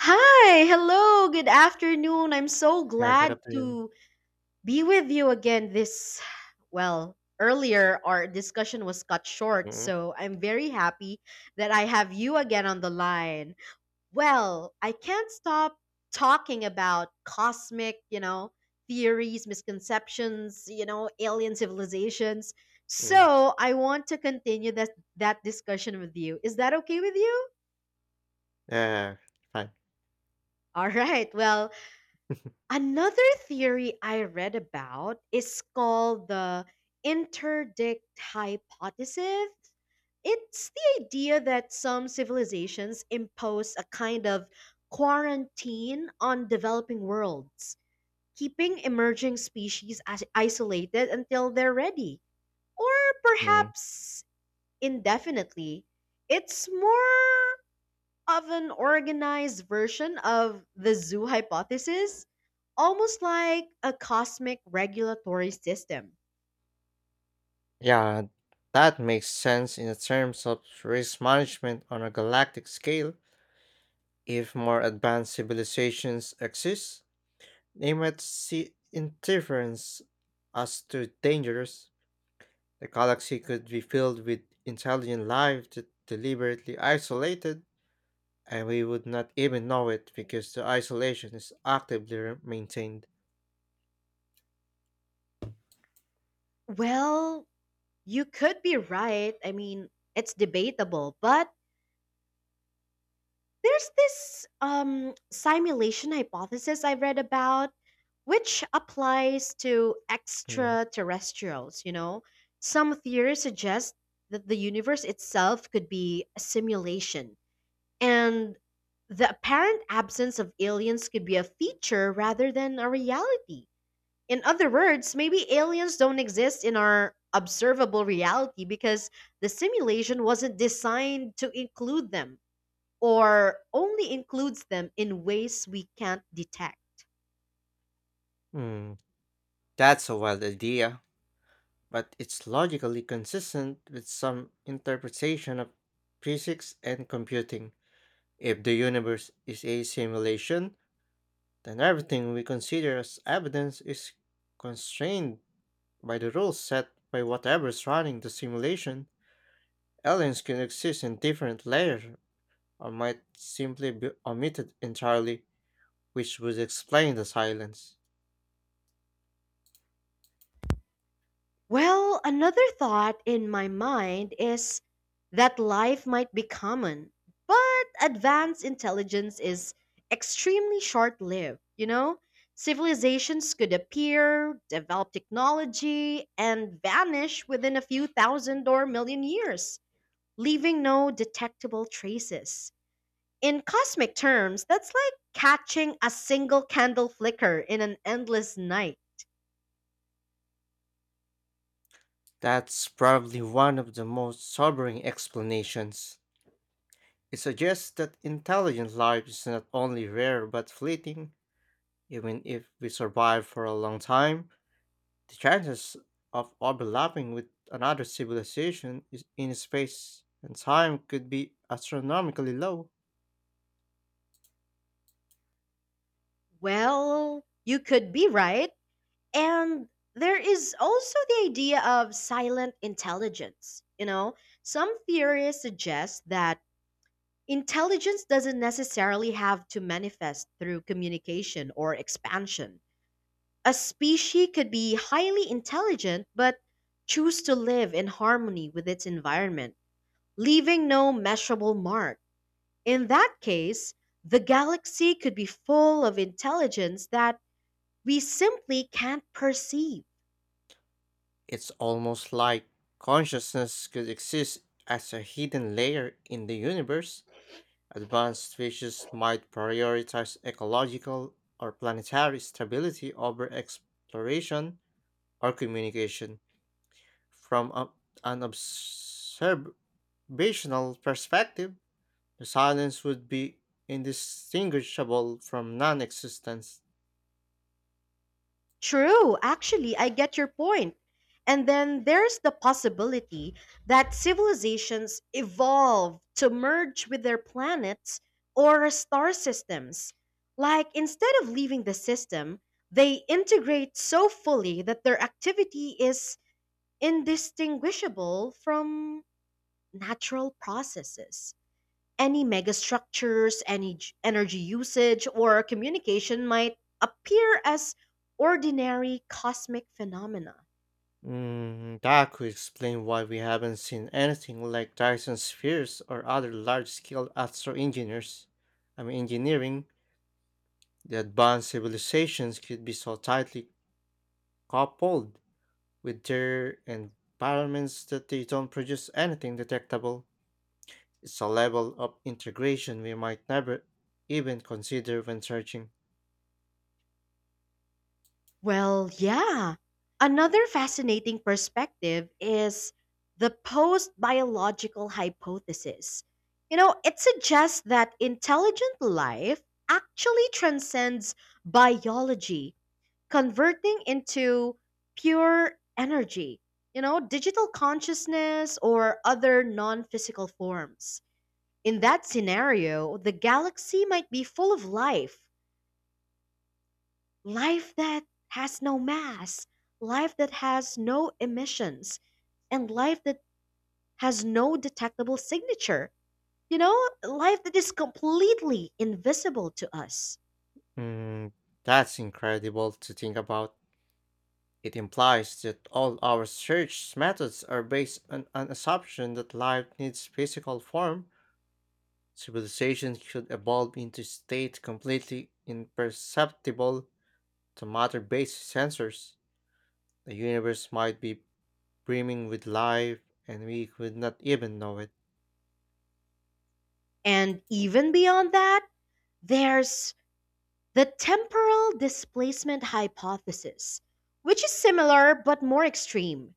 Hi, hello, good afternoon. I'm so Yeah, good glad afternoon. to be with you again this. Earlier our discussion was cut short, Mm, so I'm very happy that I have you again on the line. Well, I can't stop talking about cosmic, you know, theories, misconceptions, you know, alien civilizations. mm. So, I want to continue that discussion with you. Is that okay with you? Yeah, fine. All right. Well, another theory I read about is called the interdict hypothesis. It's the idea that some civilizations impose a kind of quarantine on developing worlds, keeping emerging species as isolated until they're ready, or Mm. perhaps indefinitely. It's more of an organized version of the zoo hypothesis, almost like a cosmic regulatory system. Yeah, that makes sense in terms of risk management on a galactic scale. If more advanced civilizations exist, they might see interference as too dangerous. The galaxy could be filled with intelligent life that deliberately isolated, and we would not even know it because the isolation is actively maintained. Well, you could be right. I mean, it's debatable, but there's this simulation hypothesis I read about, which applies to Mm. extraterrestrials, you know? Some theories suggest that the universe itself could be a simulation, and the apparent absence of aliens could be a feature rather than a reality. In other words, maybe aliens don't exist in our observable reality because the simulation wasn't designed to include them or only includes them in ways we can't detect. Mm. That's a wild idea, but it's logically consistent with some interpretation of physics and computing. If the universe is a simulation, then everything we consider as evidence is constrained by the rules set by whatever is running the simulation. Aliens can exist in different layers or might simply be omitted entirely, which would explain the silence. Well, another thought in my mind is that life might be common, but advanced intelligence is extremely short lived, you know? Civilizations could appear, develop technology, and vanish within a few thousand or million years, leaving no detectable traces. In cosmic terms, that's like catching a single candle flicker in an endless night. That's probably one of the most sobering explanations. It suggests that intelligent life is not only rare but fleeting. Even if we survive for a long time, the chances of overlapping with another civilization in space and time could be astronomically low. Well, you could be right. And there is also the idea of silent intelligence. You know, some theories suggest that intelligence doesn't necessarily have to manifest through communication or expansion. A species could be highly intelligent but choose to live in harmony with its environment, leaving no measurable mark. In that case, the galaxy could be full of intelligence that we simply can't perceive. It's almost like consciousness could exist as a hidden layer in the universe. Advanced species might prioritize ecological or planetary stability over exploration or communication. From an observational perspective, the silence would be indistinguishable from non existence. True, actually, I get your point. And then there's the possibility that civilizations evolve to merge with their planets or star systems. Like, instead of leaving the system, they integrate so fully that their activity is indistinguishable from natural processes. Any megastructures, any energy usage, or communication might appear as ordinary cosmic phenomena. Mm, that could explain why we haven't seen anything like Dyson spheres or other large-scale astro engineers. I mean, engineering, the advanced civilizations could be so tightly coupled with their environments that they don't produce anything detectable. It's a level of integration we might never even consider when searching. Well, yeah. Another fascinating perspective is the post biological hypothesis. You know, it suggests that intelligent life actually transcends biology, converting into pure energy, you know, digital consciousness or other non physical forms. In that scenario, the galaxy might be full of life, life that has no mass, life that has no emissions, and life that has no detectable signature. You know, life that is completely invisible to us. Mm, that's incredible to think about. It implies that all our search methods are based on an assumption that life needs physical form. Civilization should evolve into state completely imperceptible to matter-based sensors. The universe might be brimming with life, and we could not even know it. And even beyond that, there's the temporal displacement hypothesis, which is similar but more extreme.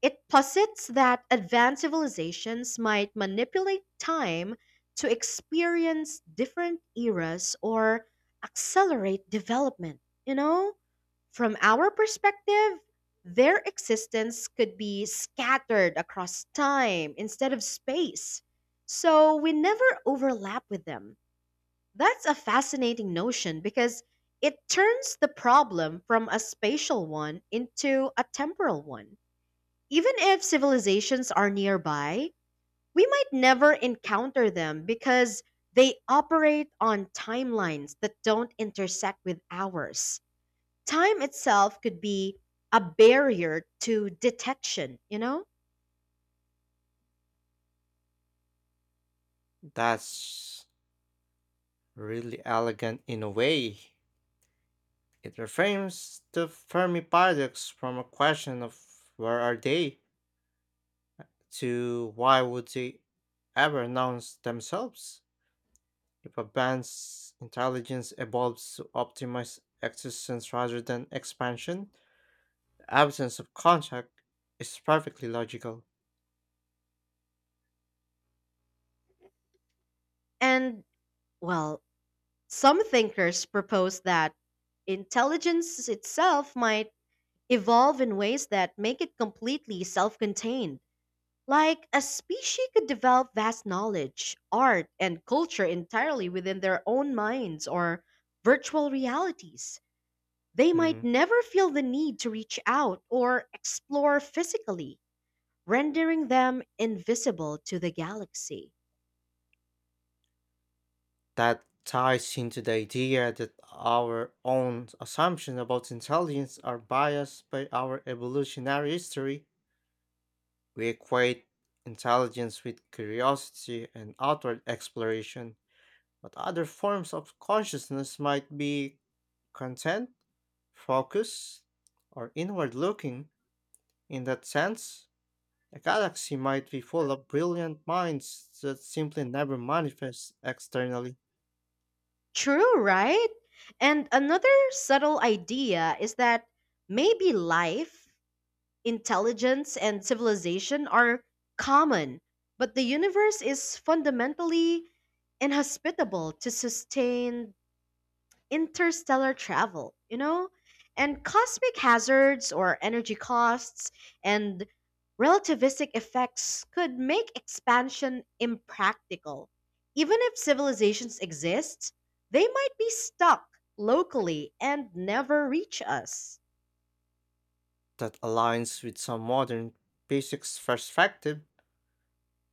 It posits that advanced civilizations might manipulate time to experience different eras or accelerate development. You know, from our perspective, their existence could be scattered across time instead of space. So we never overlap with them. That's a fascinating notion because it turns the problem from a spatial one into a temporal one. Even if civilizations are nearby, we might never encounter them because they operate on timelines that don't intersect with ours. Time itself could be a barrier to detection, you know? That's really elegant in a way. It reframes the Fermi paradox from a question of where are they to why would they ever announce themselves? If a band's intelligence evolves to optimize existence rather than expansion, the absence of contact is perfectly logical. And, well, some thinkers propose that intelligence itself might evolve in ways that make it completely self contained. Like a species could develop vast knowledge, art, and culture entirely within their own minds or virtual realities. They might Mm, never feel the need to reach out or explore physically, rendering them invisible to the galaxy. that ties into the idea that our own assumptions about intelligence are biased by our evolutionary history. We equate intelligence with curiosity and outward exploration, but other forms of consciousness might be content, focused, or inward looking. In that sense, a galaxy might be full of brilliant minds that simply never manifest externally. True, right? And another subtle idea is that maybe life, intelligence and civilization are common, but the universe is fundamentally inhospitable to sustained interstellar travel, you know? And cosmic hazards or energy costs and relativistic effects could make expansion impractical. Even if civilizations exist, they might be stuck locally and never reach us. That aligns with some modern physics perspective.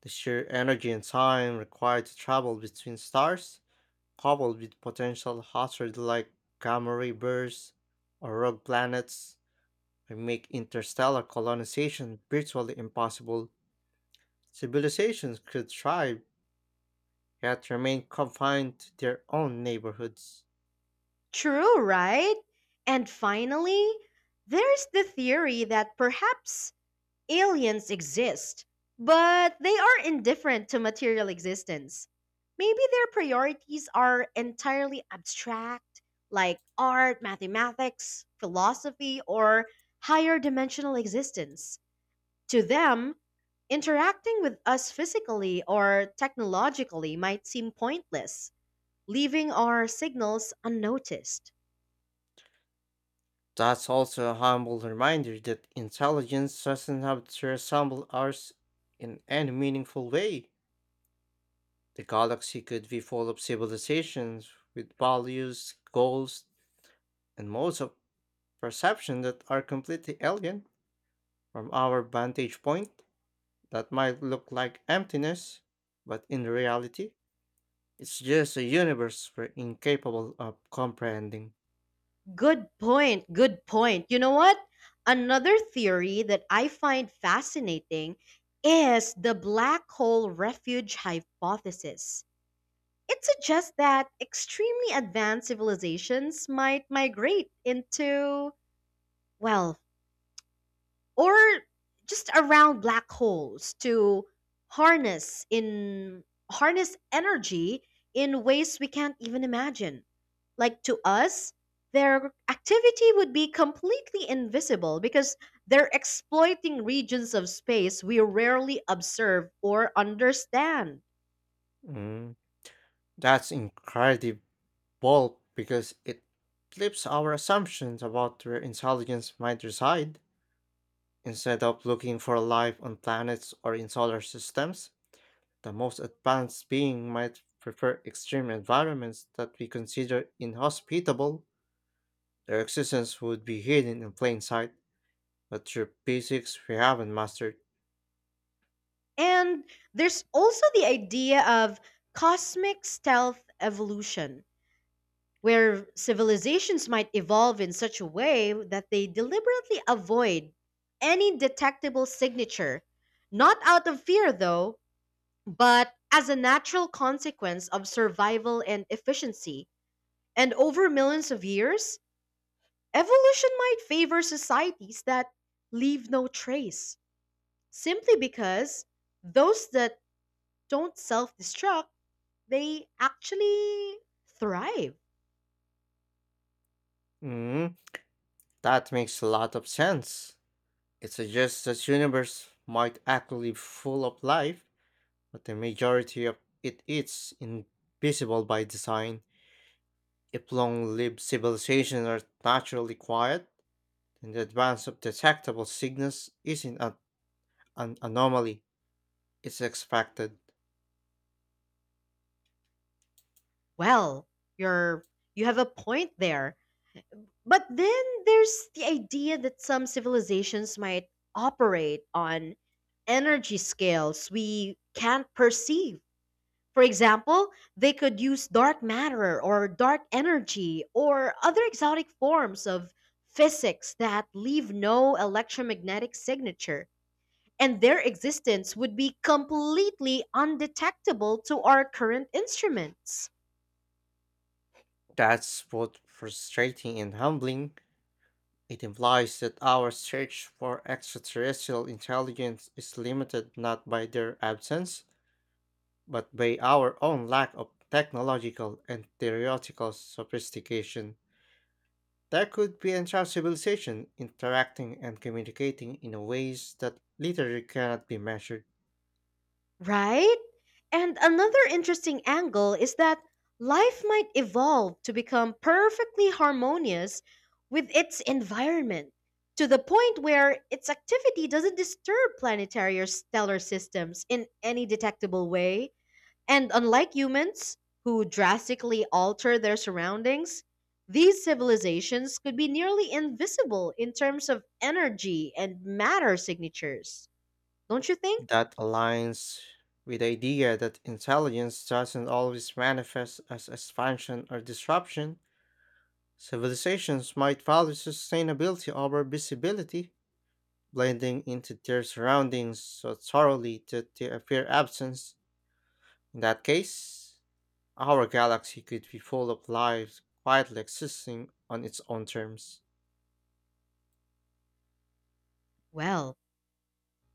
The sheer energy and time required to travel between stars, coupled with potential hazards like gamma ray bursts or rogue planets, can make interstellar colonization virtually impossible. Civilizations could thrive, yet remain confined to their own neighborhoods. True, right? And finally, there's the theory that perhaps aliens exist, but they are indifferent to material existence. Maybe their priorities are entirely abstract, like art, mathematics, philosophy, or higher dimensional existence. To them, interacting with us physically or technologically might seem pointless, leaving our signals unnoticed. That's also a humble reminder that intelligence doesn't have to resemble ours in any meaningful way. The galaxy could be full of civilizations with values, goals, and modes of perception that are completely alien. From our vantage point, that might look like emptiness, but in reality, it's just a universe we're incapable of comprehending. Good point. Good point. You know what? Another theory that I find fascinating is the black hole refuge hypothesis. It suggests that extremely advanced civilizations might migrate into, well, or just around black holes to harness in harness energy in ways we can't even imagine. Like to us, their activity would be completely invisible because they're exploiting regions of space we rarely observe or understand. Mm, that's incredible because it flips our assumptions about where intelligence might reside. Instead of looking for life on planets or in solar systems, the most advanced being might prefer extreme environments that we consider inhospitable. Their existence would be hidden in plain sight, but through physics we haven't mastered. And there's also the idea of cosmic stealth evolution, where civilizations might evolve in such a way that they deliberately avoid any detectable signature, not out of fear, though, but as a natural consequence of survival and efficiency. And over millions of years, evolution might favor societies that leave no trace, simply because those that don't self destruct, they actually thrive. Mm, that makes a lot of sense. It suggests that universe might actually be full of life, but the majority of it is invisible by design. If long-lived civilizations are naturally quiet, then the advance of detectable signals isn't an anomaly. It's expected. Well, you're you have a point there. But then there's the idea that some civilizations might operate on energy scales we can't perceive. For example, they could use dark matter or dark energy or other exotic forms of physics that leave no electromagnetic signature, and their existence would be completely undetectable to our current instruments. That's both frustrating and humbling. It implies that our search for extraterrestrial intelligence is limited not by their absence, but by our own lack of technological and theoretical sophistication. There could be entire civilization interacting and communicating in ways that literally cannot be measured. Right? And another interesting angle is that life might evolve to become perfectly harmonious with its environment to the point where its activity doesn't disturb planetary or stellar systems in any detectable way. And unlike humans, who drastically alter their surroundings, these civilizations could be nearly invisible in terms of energy and matter signatures. Don't you think? That aligns with the idea that intelligence doesn't always manifest as expansion or disruption. Civilizations might value sustainability over visibility, blending into their surroundings so thoroughly that they appear absent. In that case, our galaxy could be full of life quietly existing on its own terms. Well,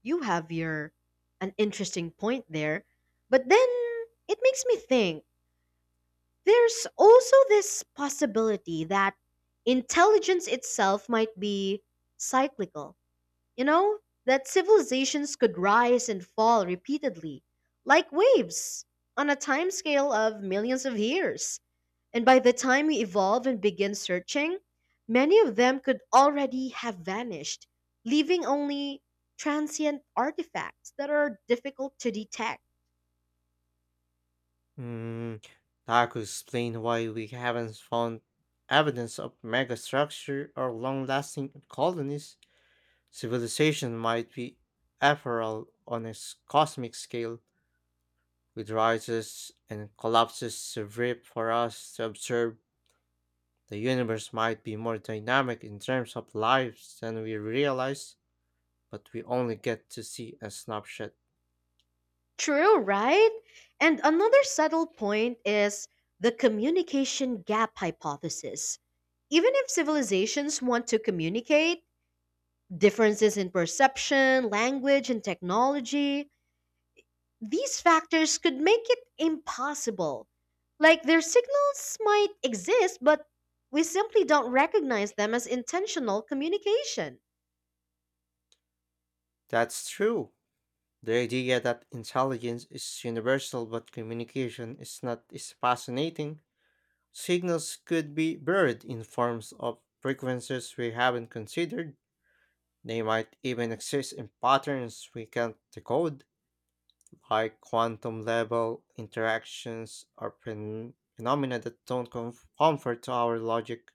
You have your an interesting point there, but then it makes me think there's also this possibility that intelligence itself might be cyclical. You know, that civilizations could rise and fall repeatedly, like waves, on a timescale of millions of years. And by the time we evolve and begin searching, many of them could already have vanished, leaving only transient artifacts that are difficult to detect. Hmm, that could explain why we haven't found evidence of megastructure or long-lasting colonies. Civilization might be ephemeral on a cosmic scale. It rises and collapses a rip for us to observe. The universe might be more dynamic in terms of lives than we realize, but we only get to see a snapshot. True, right? And another subtle point is the communication gap hypothesis. Even if civilizations want to communicate, differences in perception, language, and technology, these factors could make it impossible. Like their signals might exist, but we simply don't recognize them as intentional communication. That's true. The idea that intelligence is universal but communication is not is fascinating. Signals could be buried in forms of frequencies we haven't considered. They might even exist in patterns we can't decode. High quantum level interactions are phenomena that don't comfort to our logic.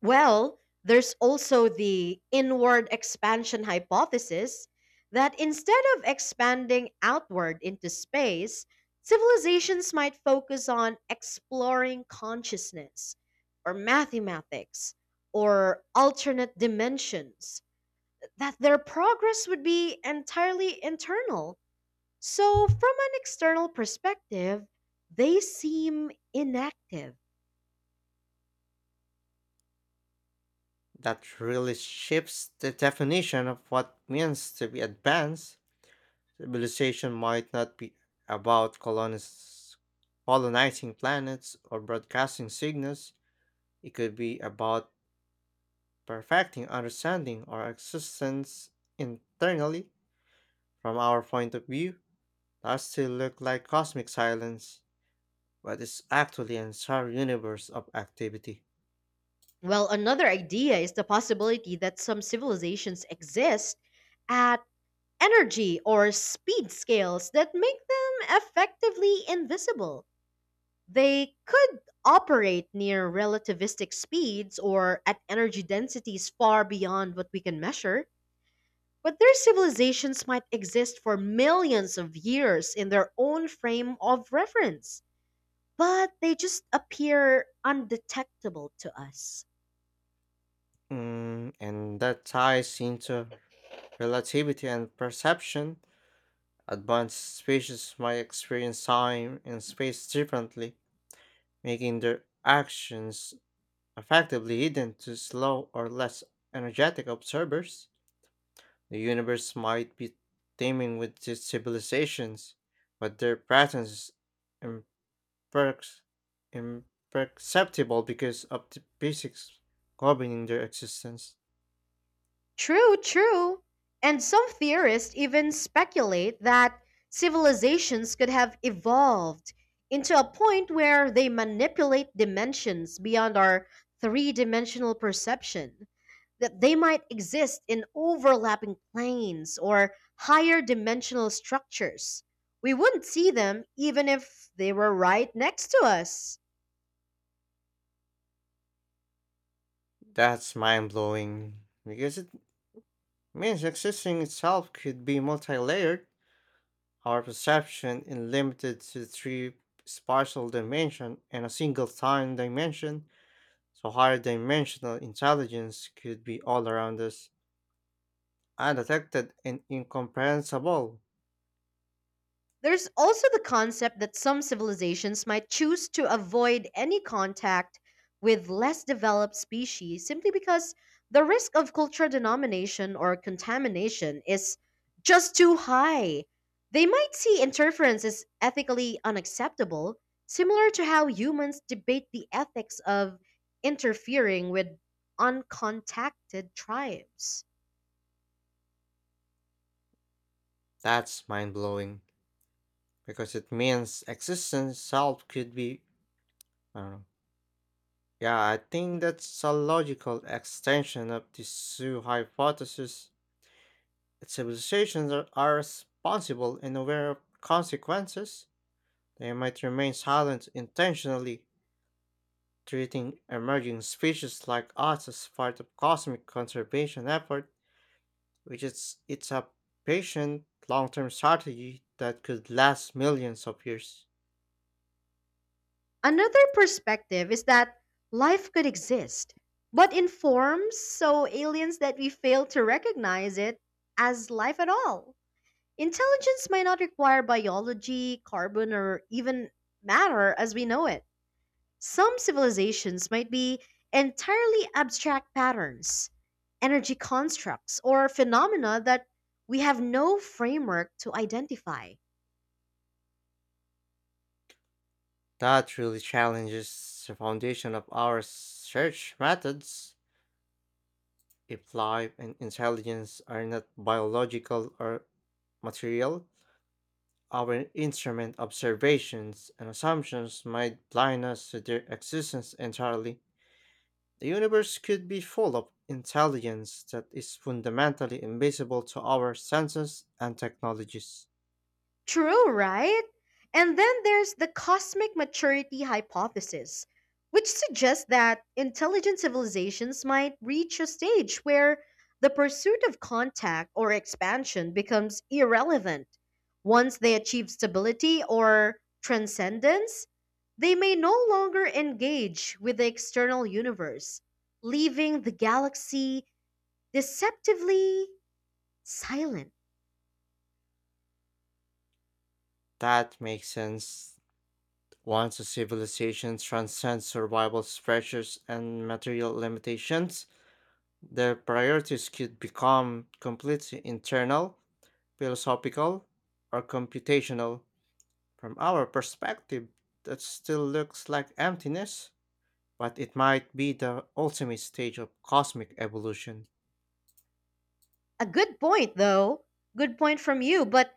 Well, there's also the inward expansion hypothesis that instead of expanding outward into space, civilizations might focus on exploring consciousness or mathematics or alternate dimensions, that their progress would be entirely internal. So, from an external perspective, they seem inactive. That really shifts the definition of what means to be advanced. Civilization might not be about colonizing planets or broadcasting signals. It could be about perfecting understanding our existence internally. From our point of view, that still look like cosmic silence, but it's actually an entire universe of activity. Well, another idea is the possibility that some civilizations exist at energy or speed scales that make them effectively invisible. They could operate near relativistic speeds or at energy densities far beyond what we can measure. But their civilizations might exist for millions of years in their own frame of reference, but they just appear undetectable to us. Mm, and that ties into relativity and perception. Advanced species might experience time and space differently, making their actions effectively hidden to slow or less energetic observers. The universe might be teeming with these civilizations, but their presence perks imperceptible because of the basics governing their existence. True, true. And some theorists even speculate that civilizations could have evolved into a point where they manipulate dimensions beyond our three dimensional perception, that they might exist in overlapping planes or higher dimensional structures. We wouldn't see them even if they were right next to us. That's mind blowing because it means existing itself could be multi layered. Our perception is limited to three spatial dimension and a single time dimension, so higher dimensional intelligence could be all around us, undetected and incomprehensible. There's also the concept that some civilizations might choose to avoid any contact with less developed species simply because the risk of cultural denomination or contamination is just too high. They might see interference as ethically unacceptable, similar to how humans debate the ethics of interfering with uncontacted tribes. That's mind blowing because it means existence itself could be, I don't know. Yeah, I think that's a logical extension of the Sioux hypothesis. If civilizations are responsible and aware of consequences, they might remain silent intentionally, treating emerging species like us as part of cosmic conservation effort, which is it's a patient long-term strategy that could last millions of years. Another perspective is that life could exist, but in forms so aliens that we fail to recognize it as life at all. Intelligence might not require biology, carbon, or even matter as we know it. Some civilizations might be entirely abstract patterns, energy constructs, or phenomena that we have no framework to identify. That really challenges the foundation of our search methods. If life and intelligence are not biological or material, our instrument observations and assumptions might blind us to their existence entirely. The universe could be full of intelligence that is fundamentally invisible to our senses and technologies. True, right? And then there's the cosmic maturity hypothesis, which suggests that intelligent civilizations might reach a stage where the pursuit of contact or expansion becomes irrelevant. Once they achieve stability or transcendence, they may no longer engage with the external universe, leaving the galaxy deceptively silent. That makes sense. Once a civilization transcends survival pressures and material limitations, their priorities could become completely internal philosophical, or computational. From our perspective, that still looks like emptiness, but it might be the ultimate stage of cosmic evolution. A good point, though. Good point from you, but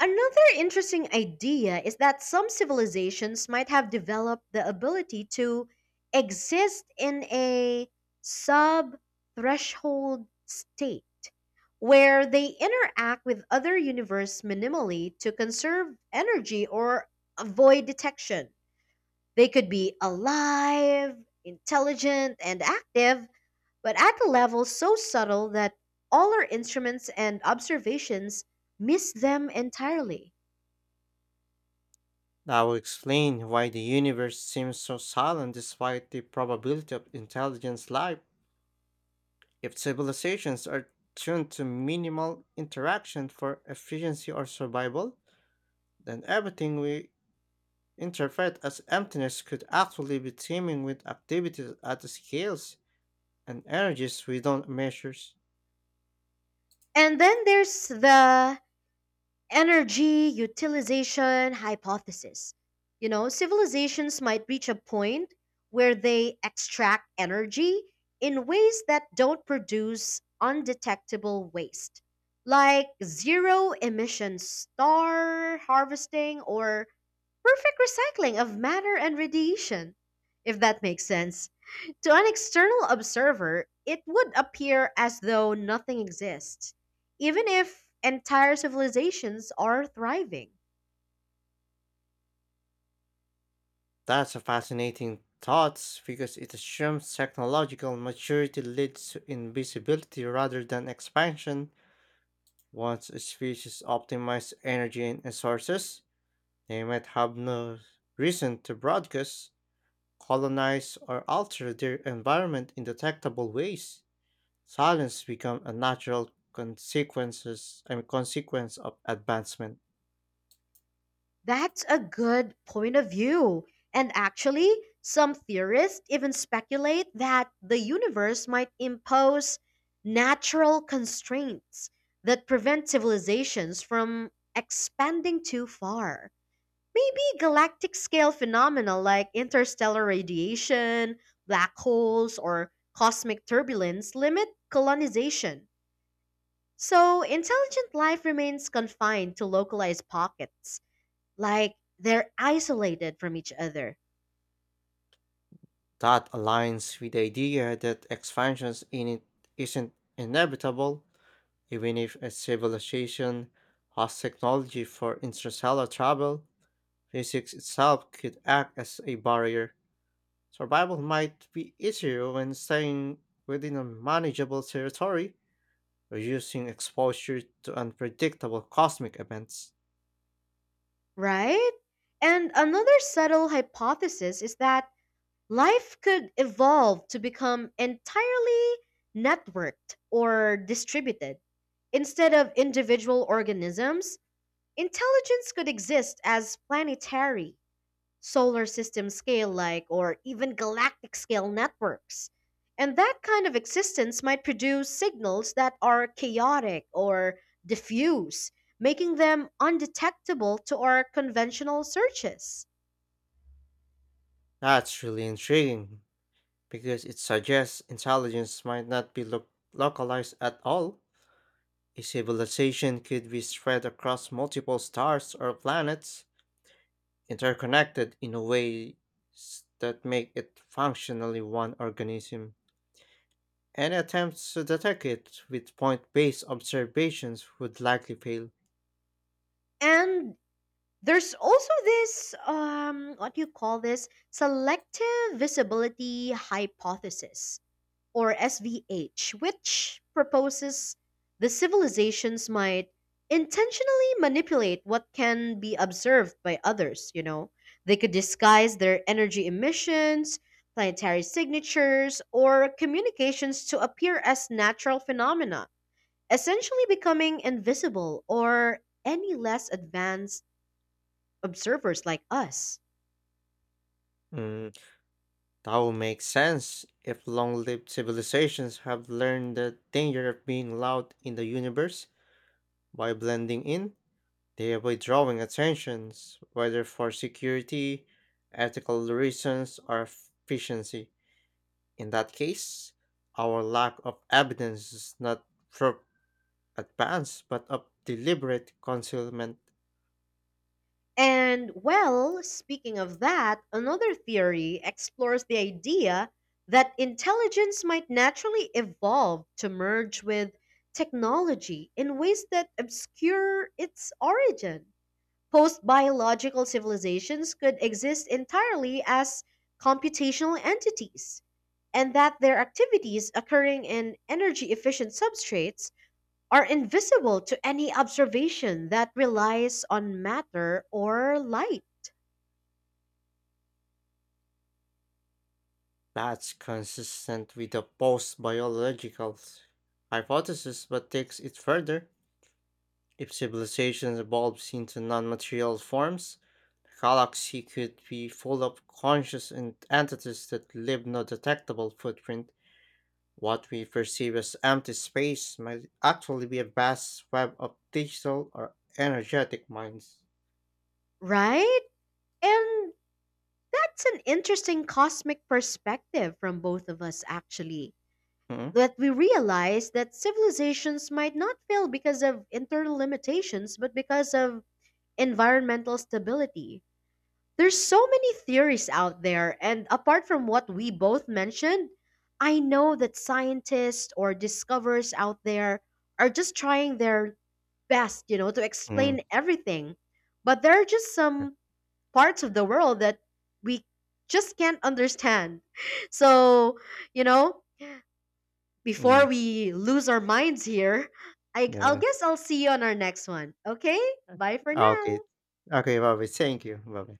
another interesting idea is that some civilizations might have developed the ability to exist in a sub threshold state where they interact with other universe minimally to conserve energy or avoid detection. They could be alive, intelligent, and active, but at a level so subtle that all our instruments and observations miss them entirely. That will explain why the universe seems so silent despite the probability of intelligent life. If civilizations are tuned to minimal interaction for efficiency or survival, then everything we interpret as emptiness could actually be teeming with activities at the scales and energies we don't measure. And then there's the energy utilization hypothesis. You know, civilizations might reach a point where they extract energy in ways that don't produce undetectable waste, like zero emission star harvesting or perfect recycling of matter and radiation, if that makes sense. To an external observer, it would appear as though nothing exists, even if entire civilizations are thriving. That's a fascinating thought because it assumes technological maturity leads to invisibility rather than expansion. Once a species optimizes energy and resources, they might have no reason to broadcast, colonize, or alter their environment in detectable ways. Silence become a natural consequences I mean, consequence of advancement. That's a good point of view. And actually, some theorists even speculate that the universe might impose natural constraints that prevent civilizations from expanding too far. Maybe galactic scale phenomena like interstellar radiation, black holes, or cosmic turbulence limit colonization. So intelligent life remains confined to localized pockets, like they're isolated from each other, That aligns with the idea that expansions in it isn't inevitable, even if a civilization has technology for interstellar travel, physics itself could act as a barrier. Survival might be easier when staying within a manageable territory, reducing exposure to unpredictable cosmic events. right? And another subtle hypothesis is that life could evolve to become entirely networked or distributed. Instead of individual organisms, intelligence could exist as planetary, solar system scale like, or even galactic scale networks. And that kind of existence might produce signals that are chaotic or diffuse, making them undetectable to our conventional searches. That's really intriguing because it suggests intelligence might not be localized at all. A civilization could be spread across multiple stars or planets, interconnected in a way that make it functionally one organism. Any attempts to detect it with point-based observations would likely fail. And there's also this, what do you call this? Selective visibility hypothesis or SVH, which proposes the civilizations might intentionally manipulate what can be observed by others, you know. They could disguise their energy emissions, planetary signatures, or communications to appear as natural phenomena, essentially becoming invisible or any less advanced observers like us. Mm, that would make sense if long-lived civilizations have learned the danger of being loud in the universe by blending in. They avoid drawing attentions, whether for security, ethical reasons, or efficiency. In that case, our lack of evidence is not proof advance but of deliberate concealment. And well, speaking of that, another theory explores the idea that intelligence might naturally evolve to merge with technology in ways that obscure its origin. Post biological civilizations could exist entirely as computational entities, and that their activities occurring in energy efficient substrates are invisible to any observation that relies on matter or light. That's consistent with the post biological hypothesis but takes it further. If civilizations evolves into non material forms, the galaxy could be full of conscious entities that leave no detectable footprint. What we perceive as empty space might actually be a vast web of digital or energetic minds. Right? And that's an interesting cosmic perspective from both of us, actually. Hmm? That we realize that civilizations might not fail because of internal limitations, but because of environmental stability. There's so many theories out there, and apart from what we both mentioned, I know that scientists or discoverers out there are just trying their best, you know, to Mm, explain everything. But there are just some parts of the world that we just can't understand. So, you know, before mm, we lose our minds here, I, I'll yeah. guess I'll see you on our next one. Okay? Bye for now. Okay. Okay, Bobby, thank you. Bye.